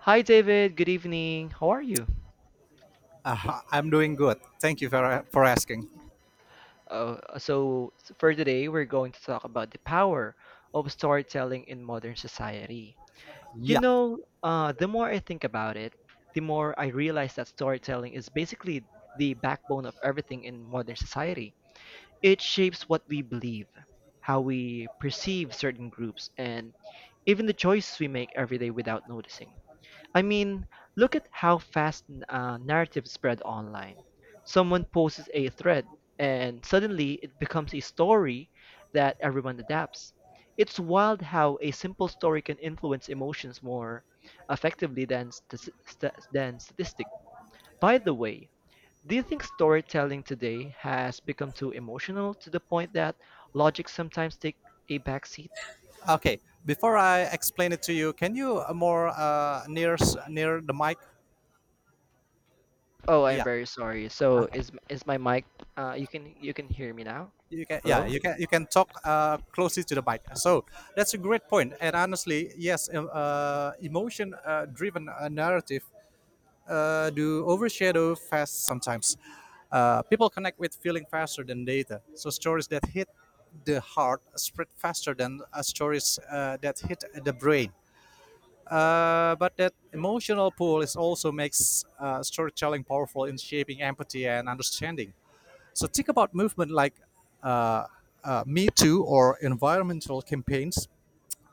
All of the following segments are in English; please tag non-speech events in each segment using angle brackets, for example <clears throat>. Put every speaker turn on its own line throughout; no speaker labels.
Hi, David. Good evening. How are you?
I'm doing good. Thank you for asking.
Uh, so, for today, we're going to talk about the power of storytelling in modern society.
Yeah.
The more I think about it, the more I realize that storytelling is basically the backbone of everything in modern society. It shapes what we believe, how we perceive certain groups, and even the choices we make every day without noticing. I mean, look at how fast narratives spread online. Someone posts a thread, and suddenly it becomes a story that everyone adapts. It's wild how a simple story can influence emotions more effectively than statistics. By the way, do you think storytelling today has become too emotional to the point that logic sometimes take a backseat?
Okay. Before I explain it to you, can you more near near the mic?
Oh, I'm
Yeah.
very sorry. So
Okay.
is my mic? You can hear me now?
You can yeah
Hello?
you can talk closely to the mic. So that's a great point. And honestly, yes, emotion driven narrative do overshadow fast sometimes. People connect with feeling faster than data. So stories that hit the heart spread faster than stories that hit the brain. But that emotional pull is also makes storytelling powerful in shaping empathy and understanding. So think about movement like uh, Me Too or environmental campaigns.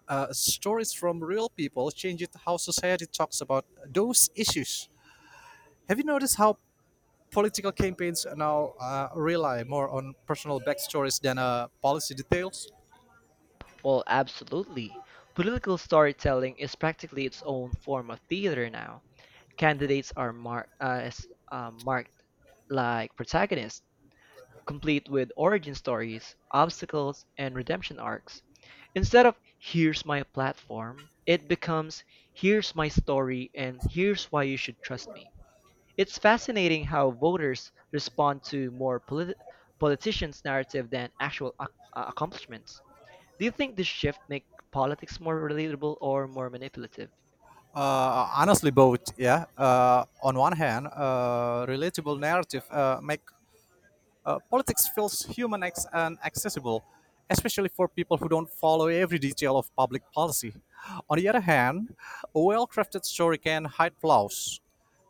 Stories from real people change it how society talks about those issues. Have you noticed how political campaigns now rely more on personal backstories than policy details?
Well, absolutely. Political storytelling is practically its own form of theater now. Candidates are marked like protagonists, complete with origin stories, obstacles, and redemption arcs. Instead of here's my platform, it becomes here's my story and here's why you should trust me. It's fascinating how voters respond to more politicians' narrative than actual accomplishments. Do you think this shift make politics more relatable or more manipulative?
Honestly, both. Yeah. On one hand, relatable narrative make politics feels human and accessible, especially for people who don't follow every detail of public policy. On the other hand, a well crafted story can hide flaws,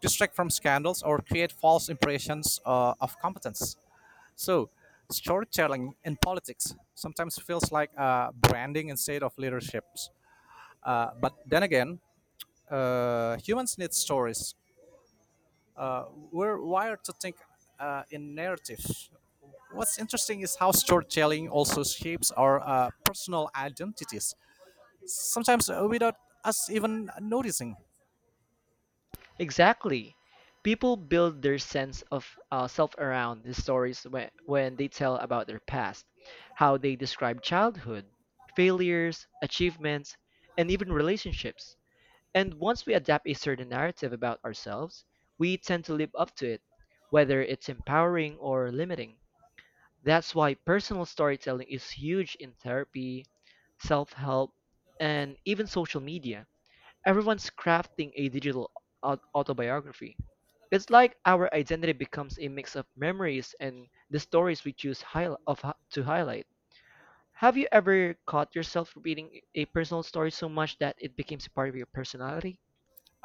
distract from scandals, or create false impressions of competence. So, storytelling in politics sometimes feels like branding instead of leadership. But then again, humans need stories we're wired to think in narratives. What's interesting is how storytelling also shapes our personal identities, sometimes without us even noticing.
Exactly. People build their sense of self around the stories when they tell about their past, how they describe childhood, failures, achievements, and even relationships. And once we adapt a certain narrative about ourselves, we tend to live up to it, whether it's empowering or limiting. That's why personal storytelling is huge in therapy, self help, and even social media. Everyone's crafting a digital autobiography. It's like our identity becomes a mix of memories and the stories we choose to highlight. Have you ever caught yourself repeating a personal story so much that it becomes a part of your personality?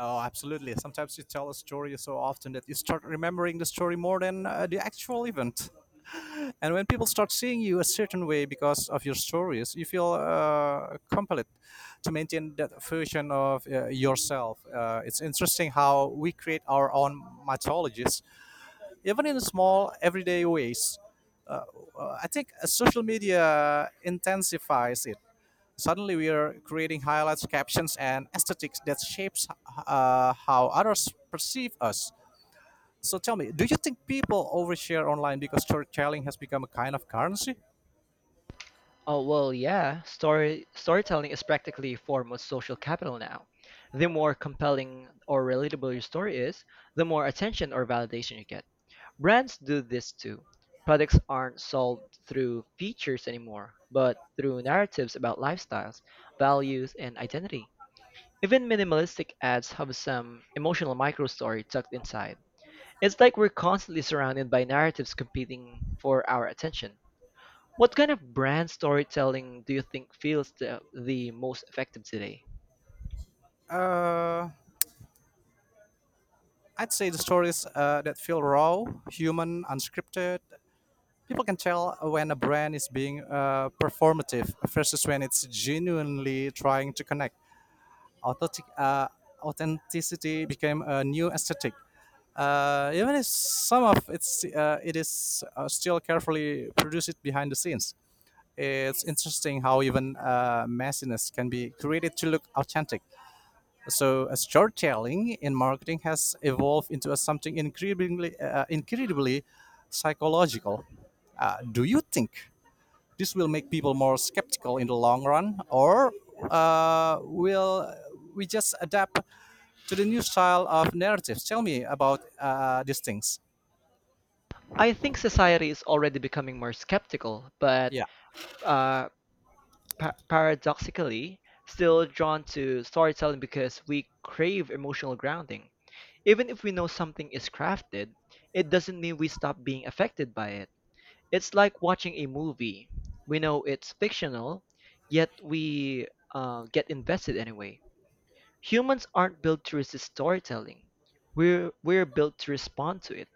Oh, absolutely. Sometimes you tell a story so often that you start remembering the story more than the actual event. And when people start seeing you a certain way because of your stories, you feel compelled to maintain that version of yourself. It's interesting how we create our own mythologies even in small everyday ways. I think social media intensifies it. Suddenly, we are creating highlights, captions, and aesthetics that shapes how others perceive us. So tell me, do you think people overshare online because storytelling has become a kind of currency?
Oh well, yeah. Storytelling is practically a form of social capital now. The more compelling or relatable your story is, the more attention or validation you get. Brands do this too. Products aren't sold through features anymore, but through narratives about lifestyles, values, and identity. Even minimalistic ads have some emotional micro story tucked inside. It's like we're constantly surrounded by narratives competing for our attention. What kind of brand storytelling do you think feels the most effective today?
Uh, I'd say the stories that feel raw, human, unscripted. People can tell when a brand is being performative versus when it's genuinely trying to connect. authentic, uh, Authenticity became a new aesthetic. Even if some of it is still carefully produced behind the scenes, it's interesting how even messiness can be created to look authentic. So, storytelling in marketing has evolved into a something incredibly psychological. Do you think this will make people more skeptical in the long run, or will we just adapt to the new style of narratives. Tell me about these things.
I think society is already becoming more skeptical, but
Yeah,
uh, paradoxically, still drawn to storytelling because we crave emotional grounding. Even if we know something is crafted, it doesn't mean we stop being affected by it. It's like watching a movie. We know it's fictional, yet we get invested anyway. Humans aren't built to resist storytelling. We're built to respond to it.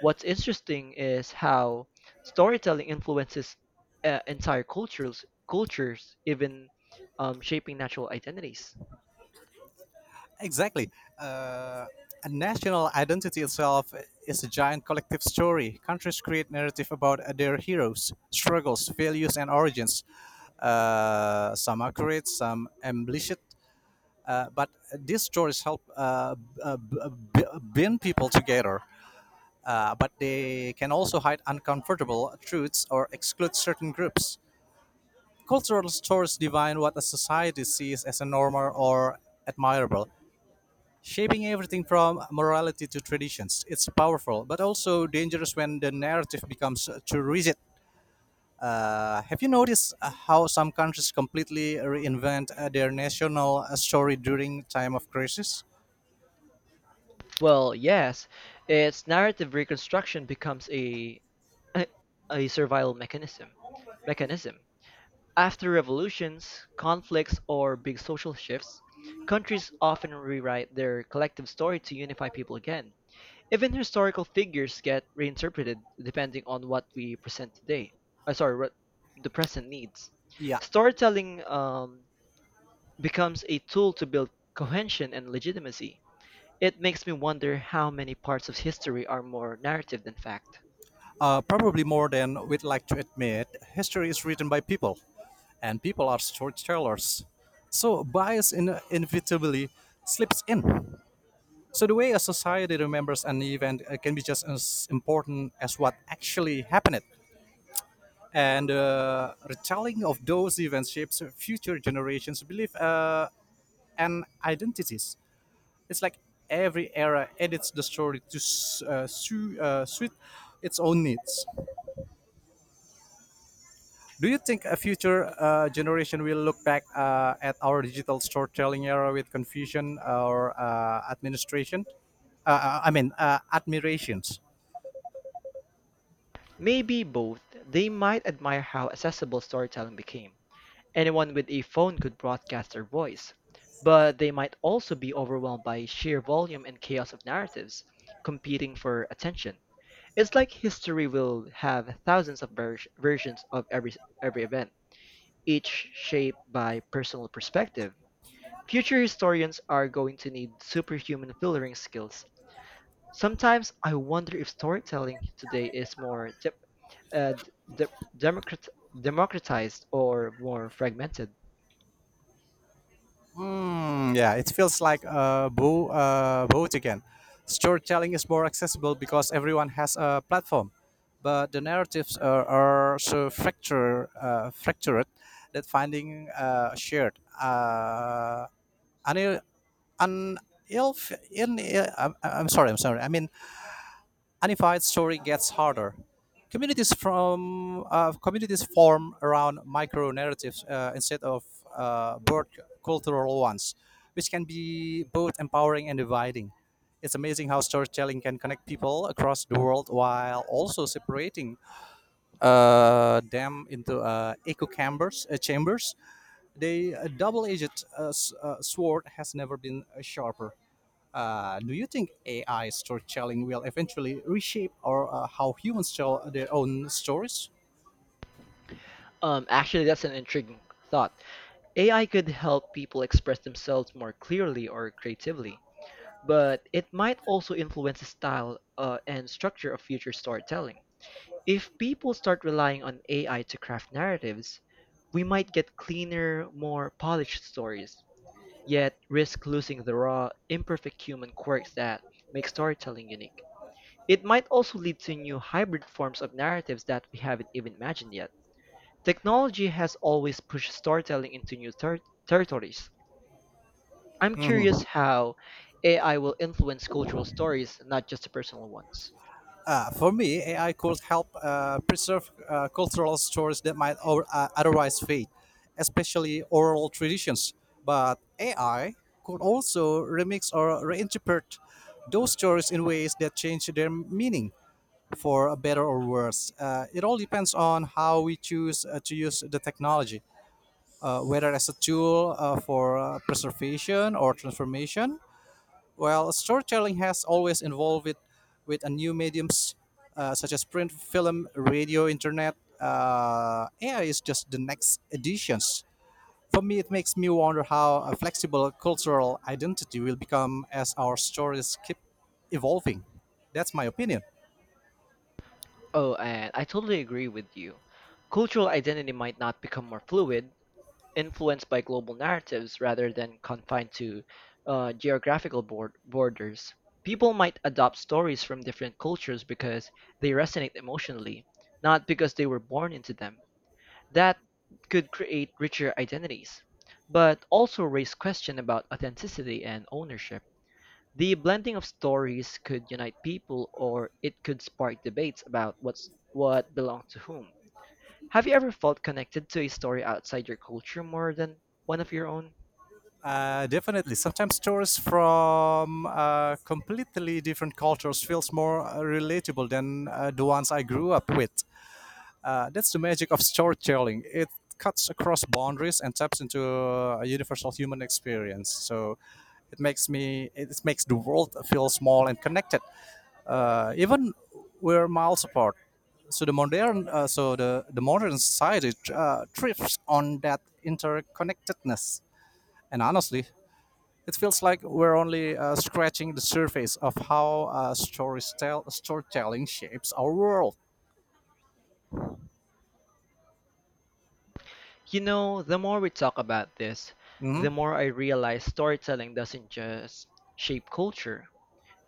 What's interesting is how storytelling influences entire cultures even shaping natural identities.
exactly. Uh, a national identity itself is a giant collective story. Countries create narrative about their heroes, struggles, values, and origins. Some accurate, some embellished, but these stories help bring people together. But they can also hide uncomfortable truths or exclude certain groups. Cultural stores define what a society sees as a normal or admirable, shaping everything from morality to traditions. It's powerful, but also dangerous when the narrative becomes too rigid. Have you noticed how some countries completely reinvent their national story during time of crisis?
Well, yes, its narrative reconstruction becomes a a survival mechanism. Mechanism. After revolutions, conflicts, or big social shifts, countries often rewrite their collective story to unify people again. Even historical figures get reinterpreted depending on what we present today. I sorry, what The present needs.
Yeah,
Storytelling becomes a tool to build cohesion and legitimacy. It makes me wonder how many parts of history are more narrative than fact.
probably more than we'd like to admit. History is written by people, and people are storytellers. So inevitably slips in. So the way a society remembers an event can be just as important as what actually happened. And the retelling of those events shapes future generations' belief and identities. It's like every era edits the story to suit its own needs. Do you think a future generation will look back at our digital storytelling era with confusion or administration? I mean, admirations.
Maybe both. They might admire how accessible storytelling became. Anyone with a phone could broadcast their voice. But they might also be overwhelmed by sheer volume and chaos of narratives competing for attention. It's like history will have thousands of versions of every event, each shaped by personal perspective. Future historians are going to need superhuman filtering skills. Sometimes I wonder if storytelling today is more uh, de- democrat- democratized or more fragmented.
Hmm. Yeah, it feels like a boat again. Storytelling is more accessible because everyone has a platform, but the narratives are so fractured that finding shared, an, an, ilf- in, I'm sorry, I'm sorry. I mean, unified story gets harder. Communities form around micro narratives instead of broad cultural ones, which can be both empowering and dividing. It's amazing how storytelling can connect people across the world while also separating them into echo chambers. The double-edged sword has never been sharper. Do you think AI storytelling will eventually reshape or how humans tell their own stories?
Actually, that's an intriguing thought. AI could help people express themselves more clearly or creatively. But it might also influence the style and structure of future storytelling. If people start relying on AI to craft narratives, we might get cleaner, more polished stories, yet risk losing the raw, imperfect human quirks that make storytelling unique. It might also lead to new hybrid forms of narratives that we haven't even imagined yet. Technology has always pushed storytelling into new territories. I'm curious
Mhm.
how AI will influence cultural stories, not just the personal ones.
For me, AI could help preserve cultural stories that might otherwise fade, especially oral traditions. But AI could also remix or reinterpret those stories in ways that change their meaning for a better or worse. It all depends on how we choose to use the technology. Whether as a tool for preservation or transformation. Well, storytelling has always involved with a new mediums such as print, film, radio, internet. AI is just the next additions. For me, it makes me wonder how a flexible cultural identity will become as our stories keep evolving. That's my opinion.
Oh, and I totally agree with you. Cultural identity might not become more fluid, influenced by global narratives rather than confined to geographical borders. People might adopt stories from different cultures because they resonate emotionally, not because they were born into them. That could create richer identities, but also raise question about authenticity and ownership. The blending of stories could unite people or it could spark debates about what's what belonged to whom. Have you ever felt connected to a story outside your culture more than one of your own?
Definitely. Sometimes stories from completely different cultures feels more relatable than the ones I grew up with. That's the magic of storytelling. It cuts across boundaries and taps into a universal human experience. So it makes me it makes the world feel small and connected, even we're miles apart. So the modern society thrives on that interconnectedness. And honestly, it feels like we're only scratching the surface of how storytelling shapes our world.
You know, the more we talk about this,
Mhm.
the more I realize storytelling doesn't just shape culture.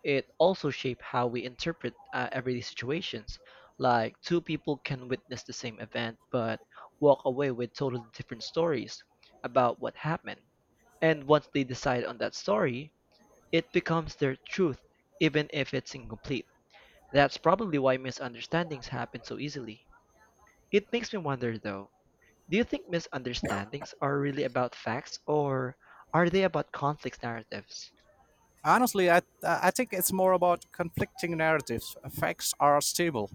It also shapes how we interpret everyday situations. Like two people can witness the same event but walk away with totally different stories about what happened. And once they decide on that story, it becomes their truth, even if it's incomplete. That's probably why misunderstandings happen so easily. It makes me wonder though, do you think misunderstandings are really about facts or are they about conflict narratives?
Honestly, I think it's more about conflicting narratives. Facts are stable,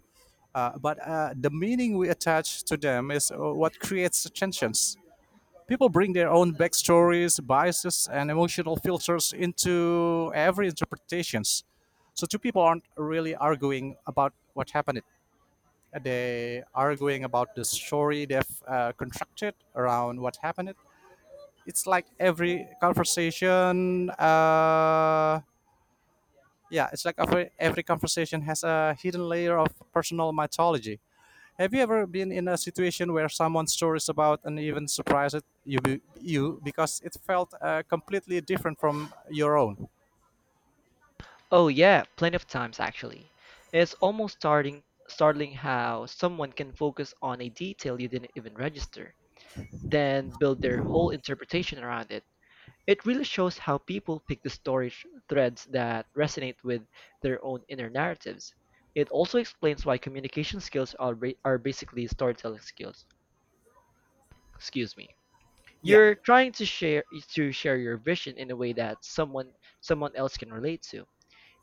but the meaning we attach to them is what creates tensions. People bring their own backstories, biases, and emotional filters into every interpretations. So two people aren't really arguing about what happened. They arguing about the story they've constructed around what happened. it's like every conversation uh, yeah it's like every conversation has a hidden layer of personal mythology. Have you ever been in a situation where someone's story is about and even surprised you because it felt completely different from your own?
Oh yeah, plenty of times actually. It's almost starting startling how someone can focus on a detail you didn't even register, then build their whole interpretation around it. It really shows how people pick the story threads that resonate with their own inner narratives. It also explains why communication skills are basically storytelling skills. Excuse me.
Yeah,
You're trying to share your vision in a way that someone else can relate to.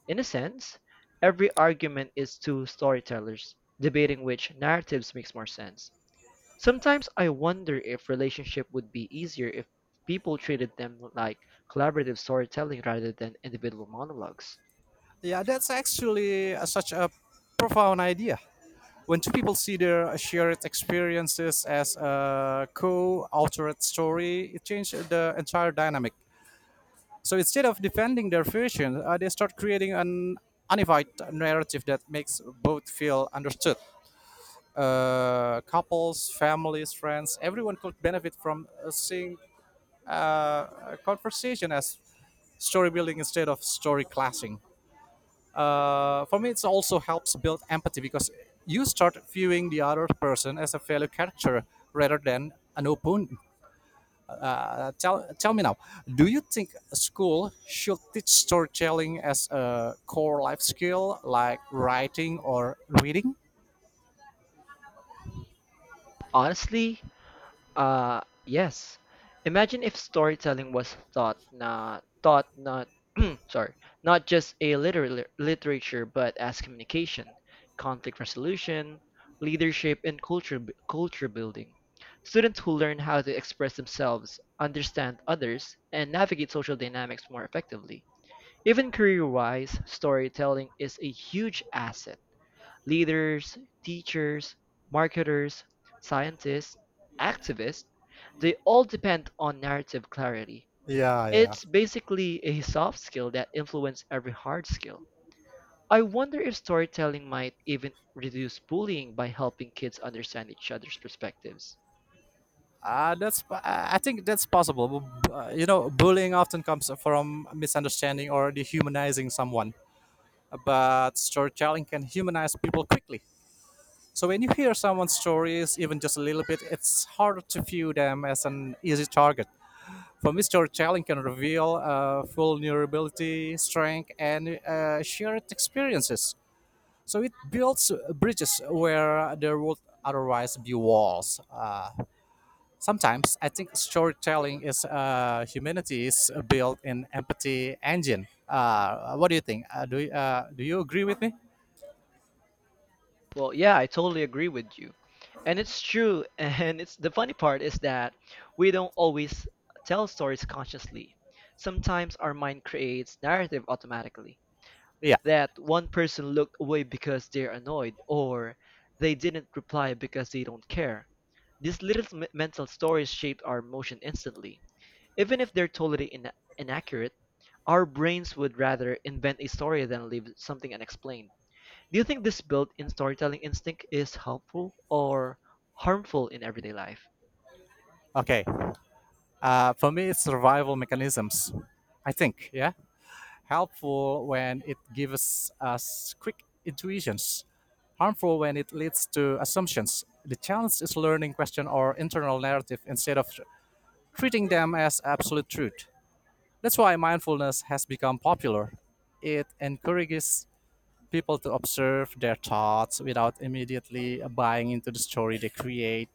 In a sense, every argument is two storytellers, debating which narratives makes more sense. Sometimes I wonder if relationship would be easier if people treated them like collaborative storytelling rather than individual monologues.
yeah, that's actually such a profound idea. When two people see their shared experiences as a co-authored story, it changes the entire dynamic. So instead of defending their version, they start creating an unified narrative that makes both feel understood. Couples, families, friends, everyone could benefit from seeing uh, a conversation as story building instead of story clashing. For me, it also helps build empathy because you start viewing the other person as a fellow character rather than an opponent. Tell me now, do you think a school should teach storytelling as a core life skill like writing or reading?
Honestly, yes. Imagine if storytelling was thought not <clears throat> sorry, not just a literary literature but as communication, conflict resolution, leadership and culture building. Students who learn how to express themselves, understand others, and navigate social dynamics more effectively. Even career-wise, storytelling is a huge asset. Leaders, teachers, marketers, scientists, activists, they all depend on narrative clarity.
Yeah, yeah.
It's basically a soft skill that influences every hard skill. I wonder if storytelling might even reduce bullying by helping kids understand each other's perspectives.
That's I think that's possible. You know, bullying often comes from misunderstanding or dehumanizing someone, but storytelling can humanize people quickly. So when you hear someone's stories, even just a little bit, it's harder to view them as an easy target. For me, storytelling can reveal vulnerability, strength, and shared experiences. So it builds bridges where there would otherwise be walls. Sometimes I think storytelling is humanity's built-in empathy engine. What do you think? Do you agree with me?
Well, yeah, I totally agree with you. And it's true, <laughs> and it's the funny part is that we don't always tell stories consciously. Sometimes our mind creates narrative automatically.
Yeah.
That one person looked away because they're annoyed or they didn't reply because they don't care. These little mental stories shape our emotion instantly. Even if they're totally inaccurate, our brains would rather invent a story than leave something unexplained. Do you think this built-in storytelling instinct is helpful or harmful in everyday life?
Okay. For me, it's survival mechanisms. I think, yeah, helpful when it gives us quick intuitions, harmful when it leads to assumptions. The challenge is learning question or internal narrative instead of treating them as absolute truth. That's why mindfulness has become popular. It encourages people to observe their thoughts without immediately buying into the story they create.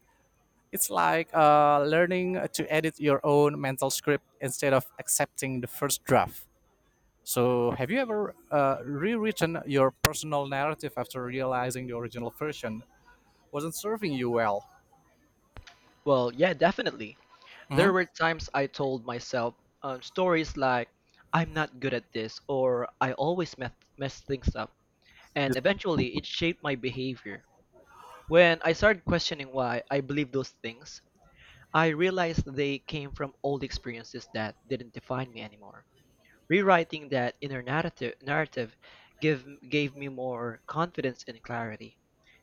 It's like learning to edit your own mental script instead of accepting the first draft. So, have you ever rewritten your personal narrative after realizing the original version wasn't serving you well?
Well, yeah, definitely.
Mhm.
There were times I told myself stories like, I'm not good at this, or I always mess things up. And eventually, it shaped my behavior. When I started questioning why I believed those things, I realized they came from old experiences that didn't define me anymore. Rewriting that inner narrative gave me more confidence and clarity.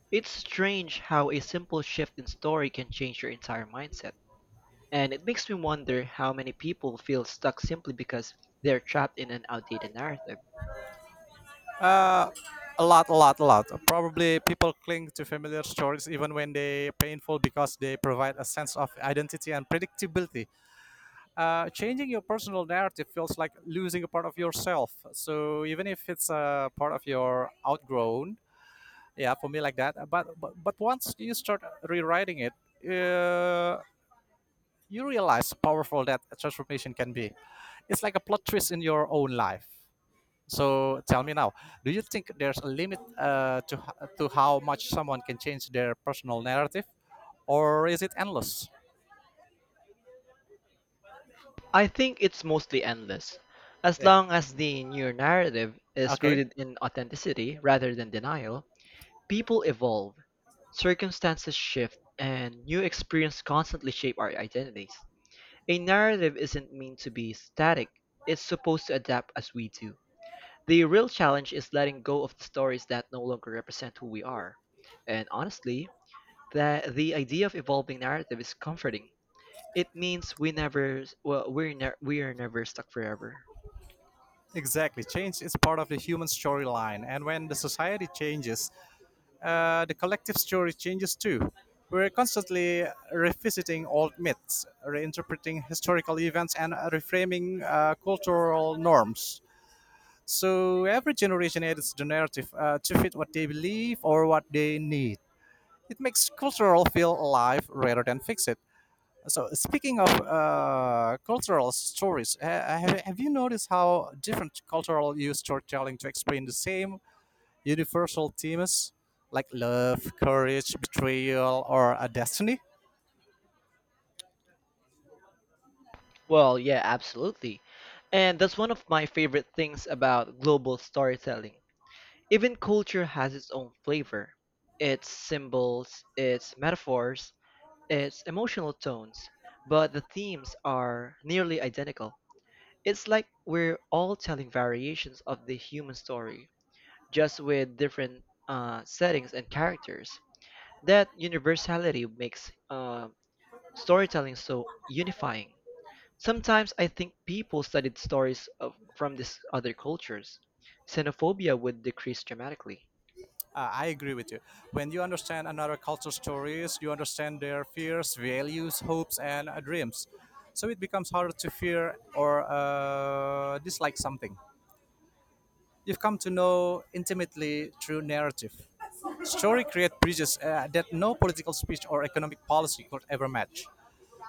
It's strange how a simple shift in story can change your entire mindset, and it makes me wonder how many people feel stuck simply because they're trapped in an outdated narrative.
Uh, a lot. Probably people cling to familiar stories even when they painful because they provide a sense of identity and predictability. Changing your personal narrative feels like losing a part of yourself. So even if it's a part of your outgrown, yeah for me like that. But once you start rewriting it uh, you realize how powerful that transformation can be. It's like a plot twist in your own life. So tell me now, do you think there's a limit to how much someone can change their personal narrative or is it endless?
I think it's mostly endless, as
Yeah,
long as the new narrative is
okay.
rooted in authenticity rather than denial. People evolve, circumstances shift, and new experiences constantly shape our identities. A narrative isn't meant to be static, it's supposed to adapt as we do. The real challenge is letting go of the stories that no longer represent who we are. And honestly, that the idea of evolving narrative is comforting. It means we are never stuck forever.
Exactly, change is part of the human storyline. And when the society changes the collective story changes too. We're constantly revisiting old myths, reinterpreting historical events, and reframing cultural norms. So every generation edits the narrative to fit what they believe or what they need. It makes cultural feel alive rather than fix it. So speaking of cultural stories, have you noticed how different cultural use storytelling to explain the same universal themes like love, courage, betrayal, or a destiny.
Well, yeah, absolutely. And that's one of my favorite things about global storytelling. Even culture has its own flavor. Its symbols, its metaphors, its emotional tones, but the themes are nearly identical. It's like we're all telling variations of the human story, just with different settings and characters. That universality makes storytelling so unifying. Sometimes I think people studied stories of, from these other cultures. Xenophobia would decrease dramatically.
I agree with you. When you understand another culture's stories, you understand their fears, values, hopes, and dreams. So it becomes harder to fear or dislike something. You've come to know intimately through narrative. Story create bridges that no political speech or economic policy could ever match.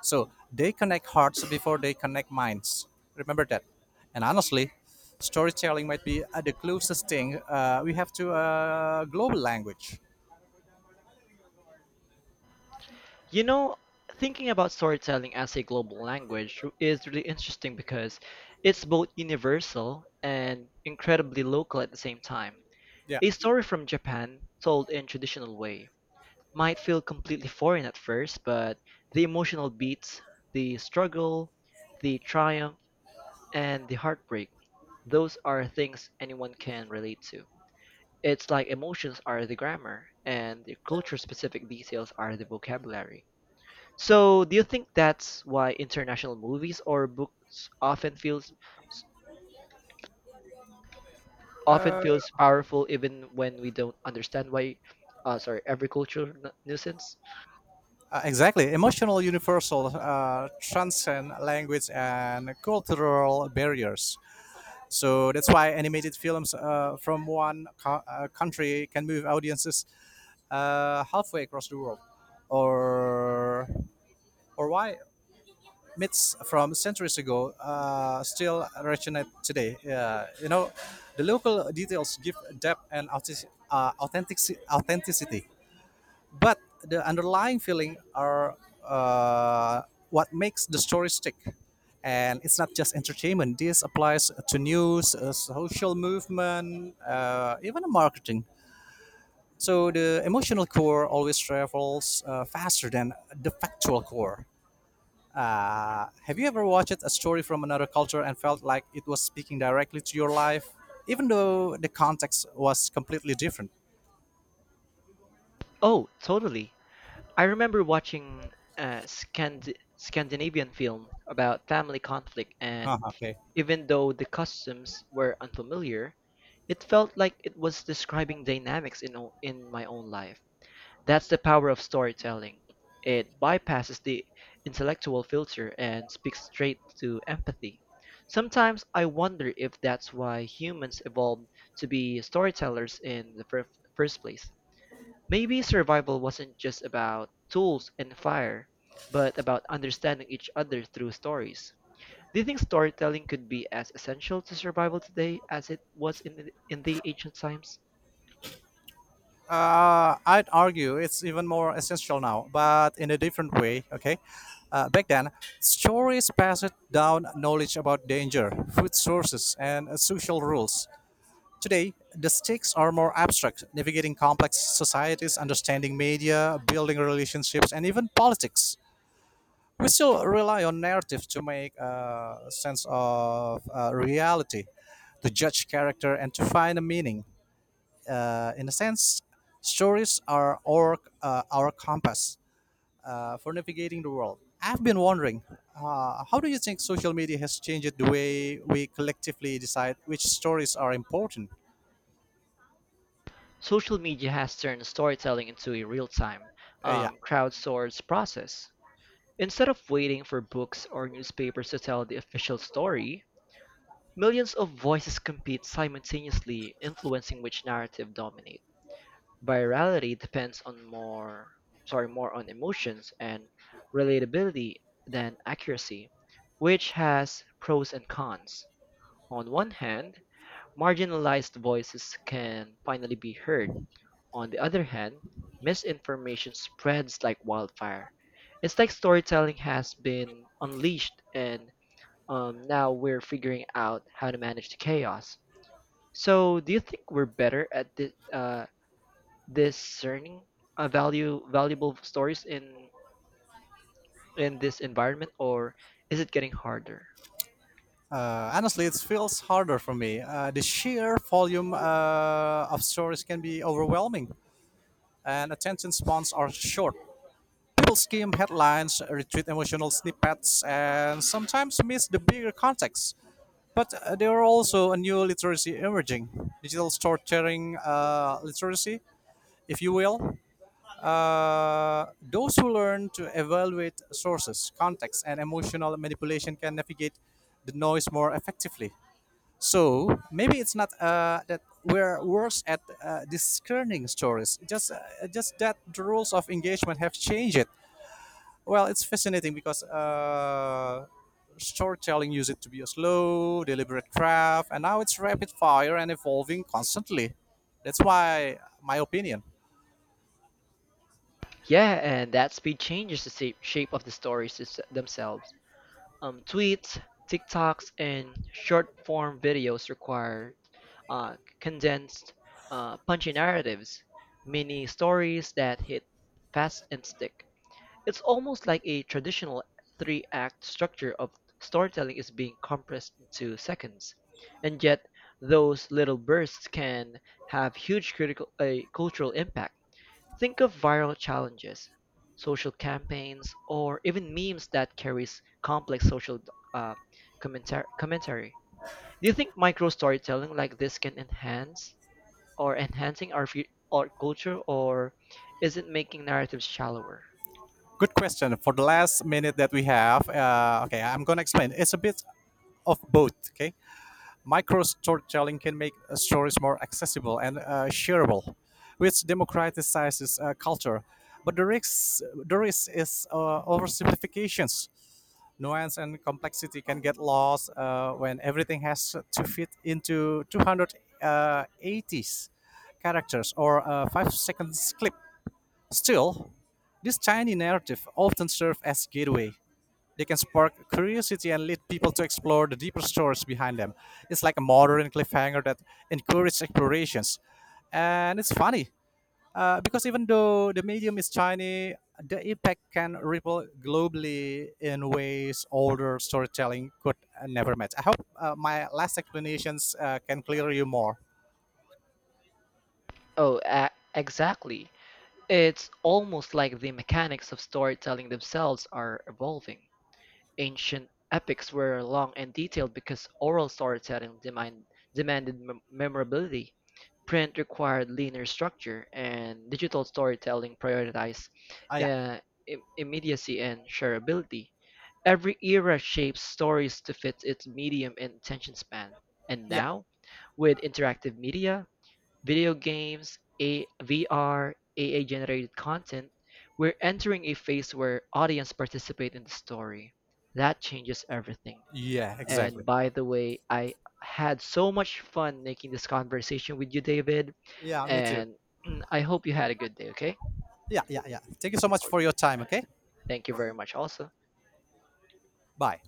So they connect hearts before they connect minds. Remember that. And honestly, storytelling might be the closest thing we have to a global language.
You know, thinking about storytelling as a global language is really interesting because it's both universal and incredibly local at the same time.
Yeah,
A story from Japan, told in traditional way, might feel completely foreign at first, but the emotional beats, the struggle, the triumph, and the heartbreak, those are things anyone can relate to. It's like emotions are the grammar, and the culture-specific details are the vocabulary. So, do you think that's why international movies or books often feels powerful even when we don't understand why sorry every culture nuisance?
exactly. Emotional universal transcend language and cultural barriers. So that's why animated films from country can move audiences halfway across the world, or why myths from centuries ago still resonate today. Yeah, the local details give depth and authenticity, but the underlying feeling are uh, what makes the story stick. And it's not just entertainment. This applies to news, social movement, even marketing. So the emotional core always travels faster than the factual core. Have you ever watched a story from another culture and felt like it was speaking directly to your life, even though the context was completely different?
Oh, totally. I remember watching a Scandinavian film about family conflict,
Huh,
and
okay.
even though the customs were unfamiliar, it felt like it was describing dynamics in my own life. That's the power of storytelling. It bypasses the intellectual filter and speaks straight to empathy. Sometimes I wonder if that's why humans evolved to be storytellers in the first place. Maybe survival wasn't just about tools and fire, but about understanding each other through stories. Do you think storytelling could be as essential to survival today as it was in the ancient times?
I'd argue it's even more essential now, but in a different way. Okay. Back then, stories passed down knowledge about danger, food sources, and social rules. Today, the stakes are more abstract, navigating complex societies, understanding media, building relationships, and even politics. We still rely on narrative to make sense of reality, to judge character, and to find a meaning. In a sense, stories are our compass for navigating the world. I've been wondering, how do you think social media has changed the way we collectively decide which stories are important?
Social media has turned storytelling into a real-time,
Uh, yeah.
crowdsourced process. Instead of waiting for books or newspapers to tell the official story, millions of voices compete simultaneously, influencing which narrative dominates. Virality depends on more on emotions and relatability than accuracy, which has pros and cons. On one hand, marginalized voices can finally be heard. On the other hand, misinformation spreads like wildfire. It's like storytelling has been unleashed, and now we're figuring out how to manage the chaos. So, do you think we're better at this, discerning value valuable stories in this environment, or is it getting harder?
Honestly, it feels harder for me. The sheer volume of stories can be overwhelming, and attention spans are short. People skim headlines, retweet emotional snippets, and sometimes miss the bigger context. But there are also a new literacy emerging, digital storytelling literacy, if you will. Those who learn to evaluate sources, context, and emotional manipulation can navigate the noise more effectively. So maybe it's not that we're worse at discerning stories, just that the rules of engagement have changed. Well, it's fascinating because storytelling used it to be a slow, deliberate craft, and now it's rapid fire and evolving constantly. That's why my opinion.
Yeah, and that speed changes the shape of the stories themselves. Tweets, TikToks, and short form videos require uh, condensed, punchy narratives, mini stories that hit fast and stick. It's almost like a traditional three act structure of storytelling is being compressed into seconds. And yet, those little bursts can have huge cultural impact. Think of viral challenges, social campaigns, or even memes that carries complex social uh, commentary. Do you think micro storytelling like this can enhance or enhancing our our culture, or is it making narratives shallower?
Good question for the last minute that we have. Okay, I'm gonna explain. It's a bit of both. Okay, micro storytelling can make stories more accessible and shareable, which democratizes culture. But the risk is oversimplifications, nuance and complexity can get lost when everything has to fit into 280s characters or a 5 seconds clip. Still, this tiny narrative often serves as gateway. They can spark curiosity and lead people to explore the deeper stories behind them. It's like a modern cliffhanger that encourages explorations. And it's funny because even though the medium is tiny, the impact can ripple globally in ways older storytelling could never match. I hope my last explanations can clear you more.
Oh, exactly. It's almost like the mechanics of storytelling themselves are evolving. Ancient epics were long and detailed because oral storytelling demanded memorability, print required linear structure, and digital storytelling prioritized
Ah, yeah,
uh, immediacy and shareability. Every era shapes stories to fit its medium and attention span. And
yeah,
now, with interactive media, video games, A AI-generated content, we're entering a phase where audience participate in the story. That changes everything.
yeah, exactly.
And by the way, I had so much fun making this conversation with you, David,
Yeah, me too.
and <clears throat> I hope you had a good day, okay?
Yeah, yeah, yeah. Thank you so much for your time. Okay,
Thank you very much also.
bye.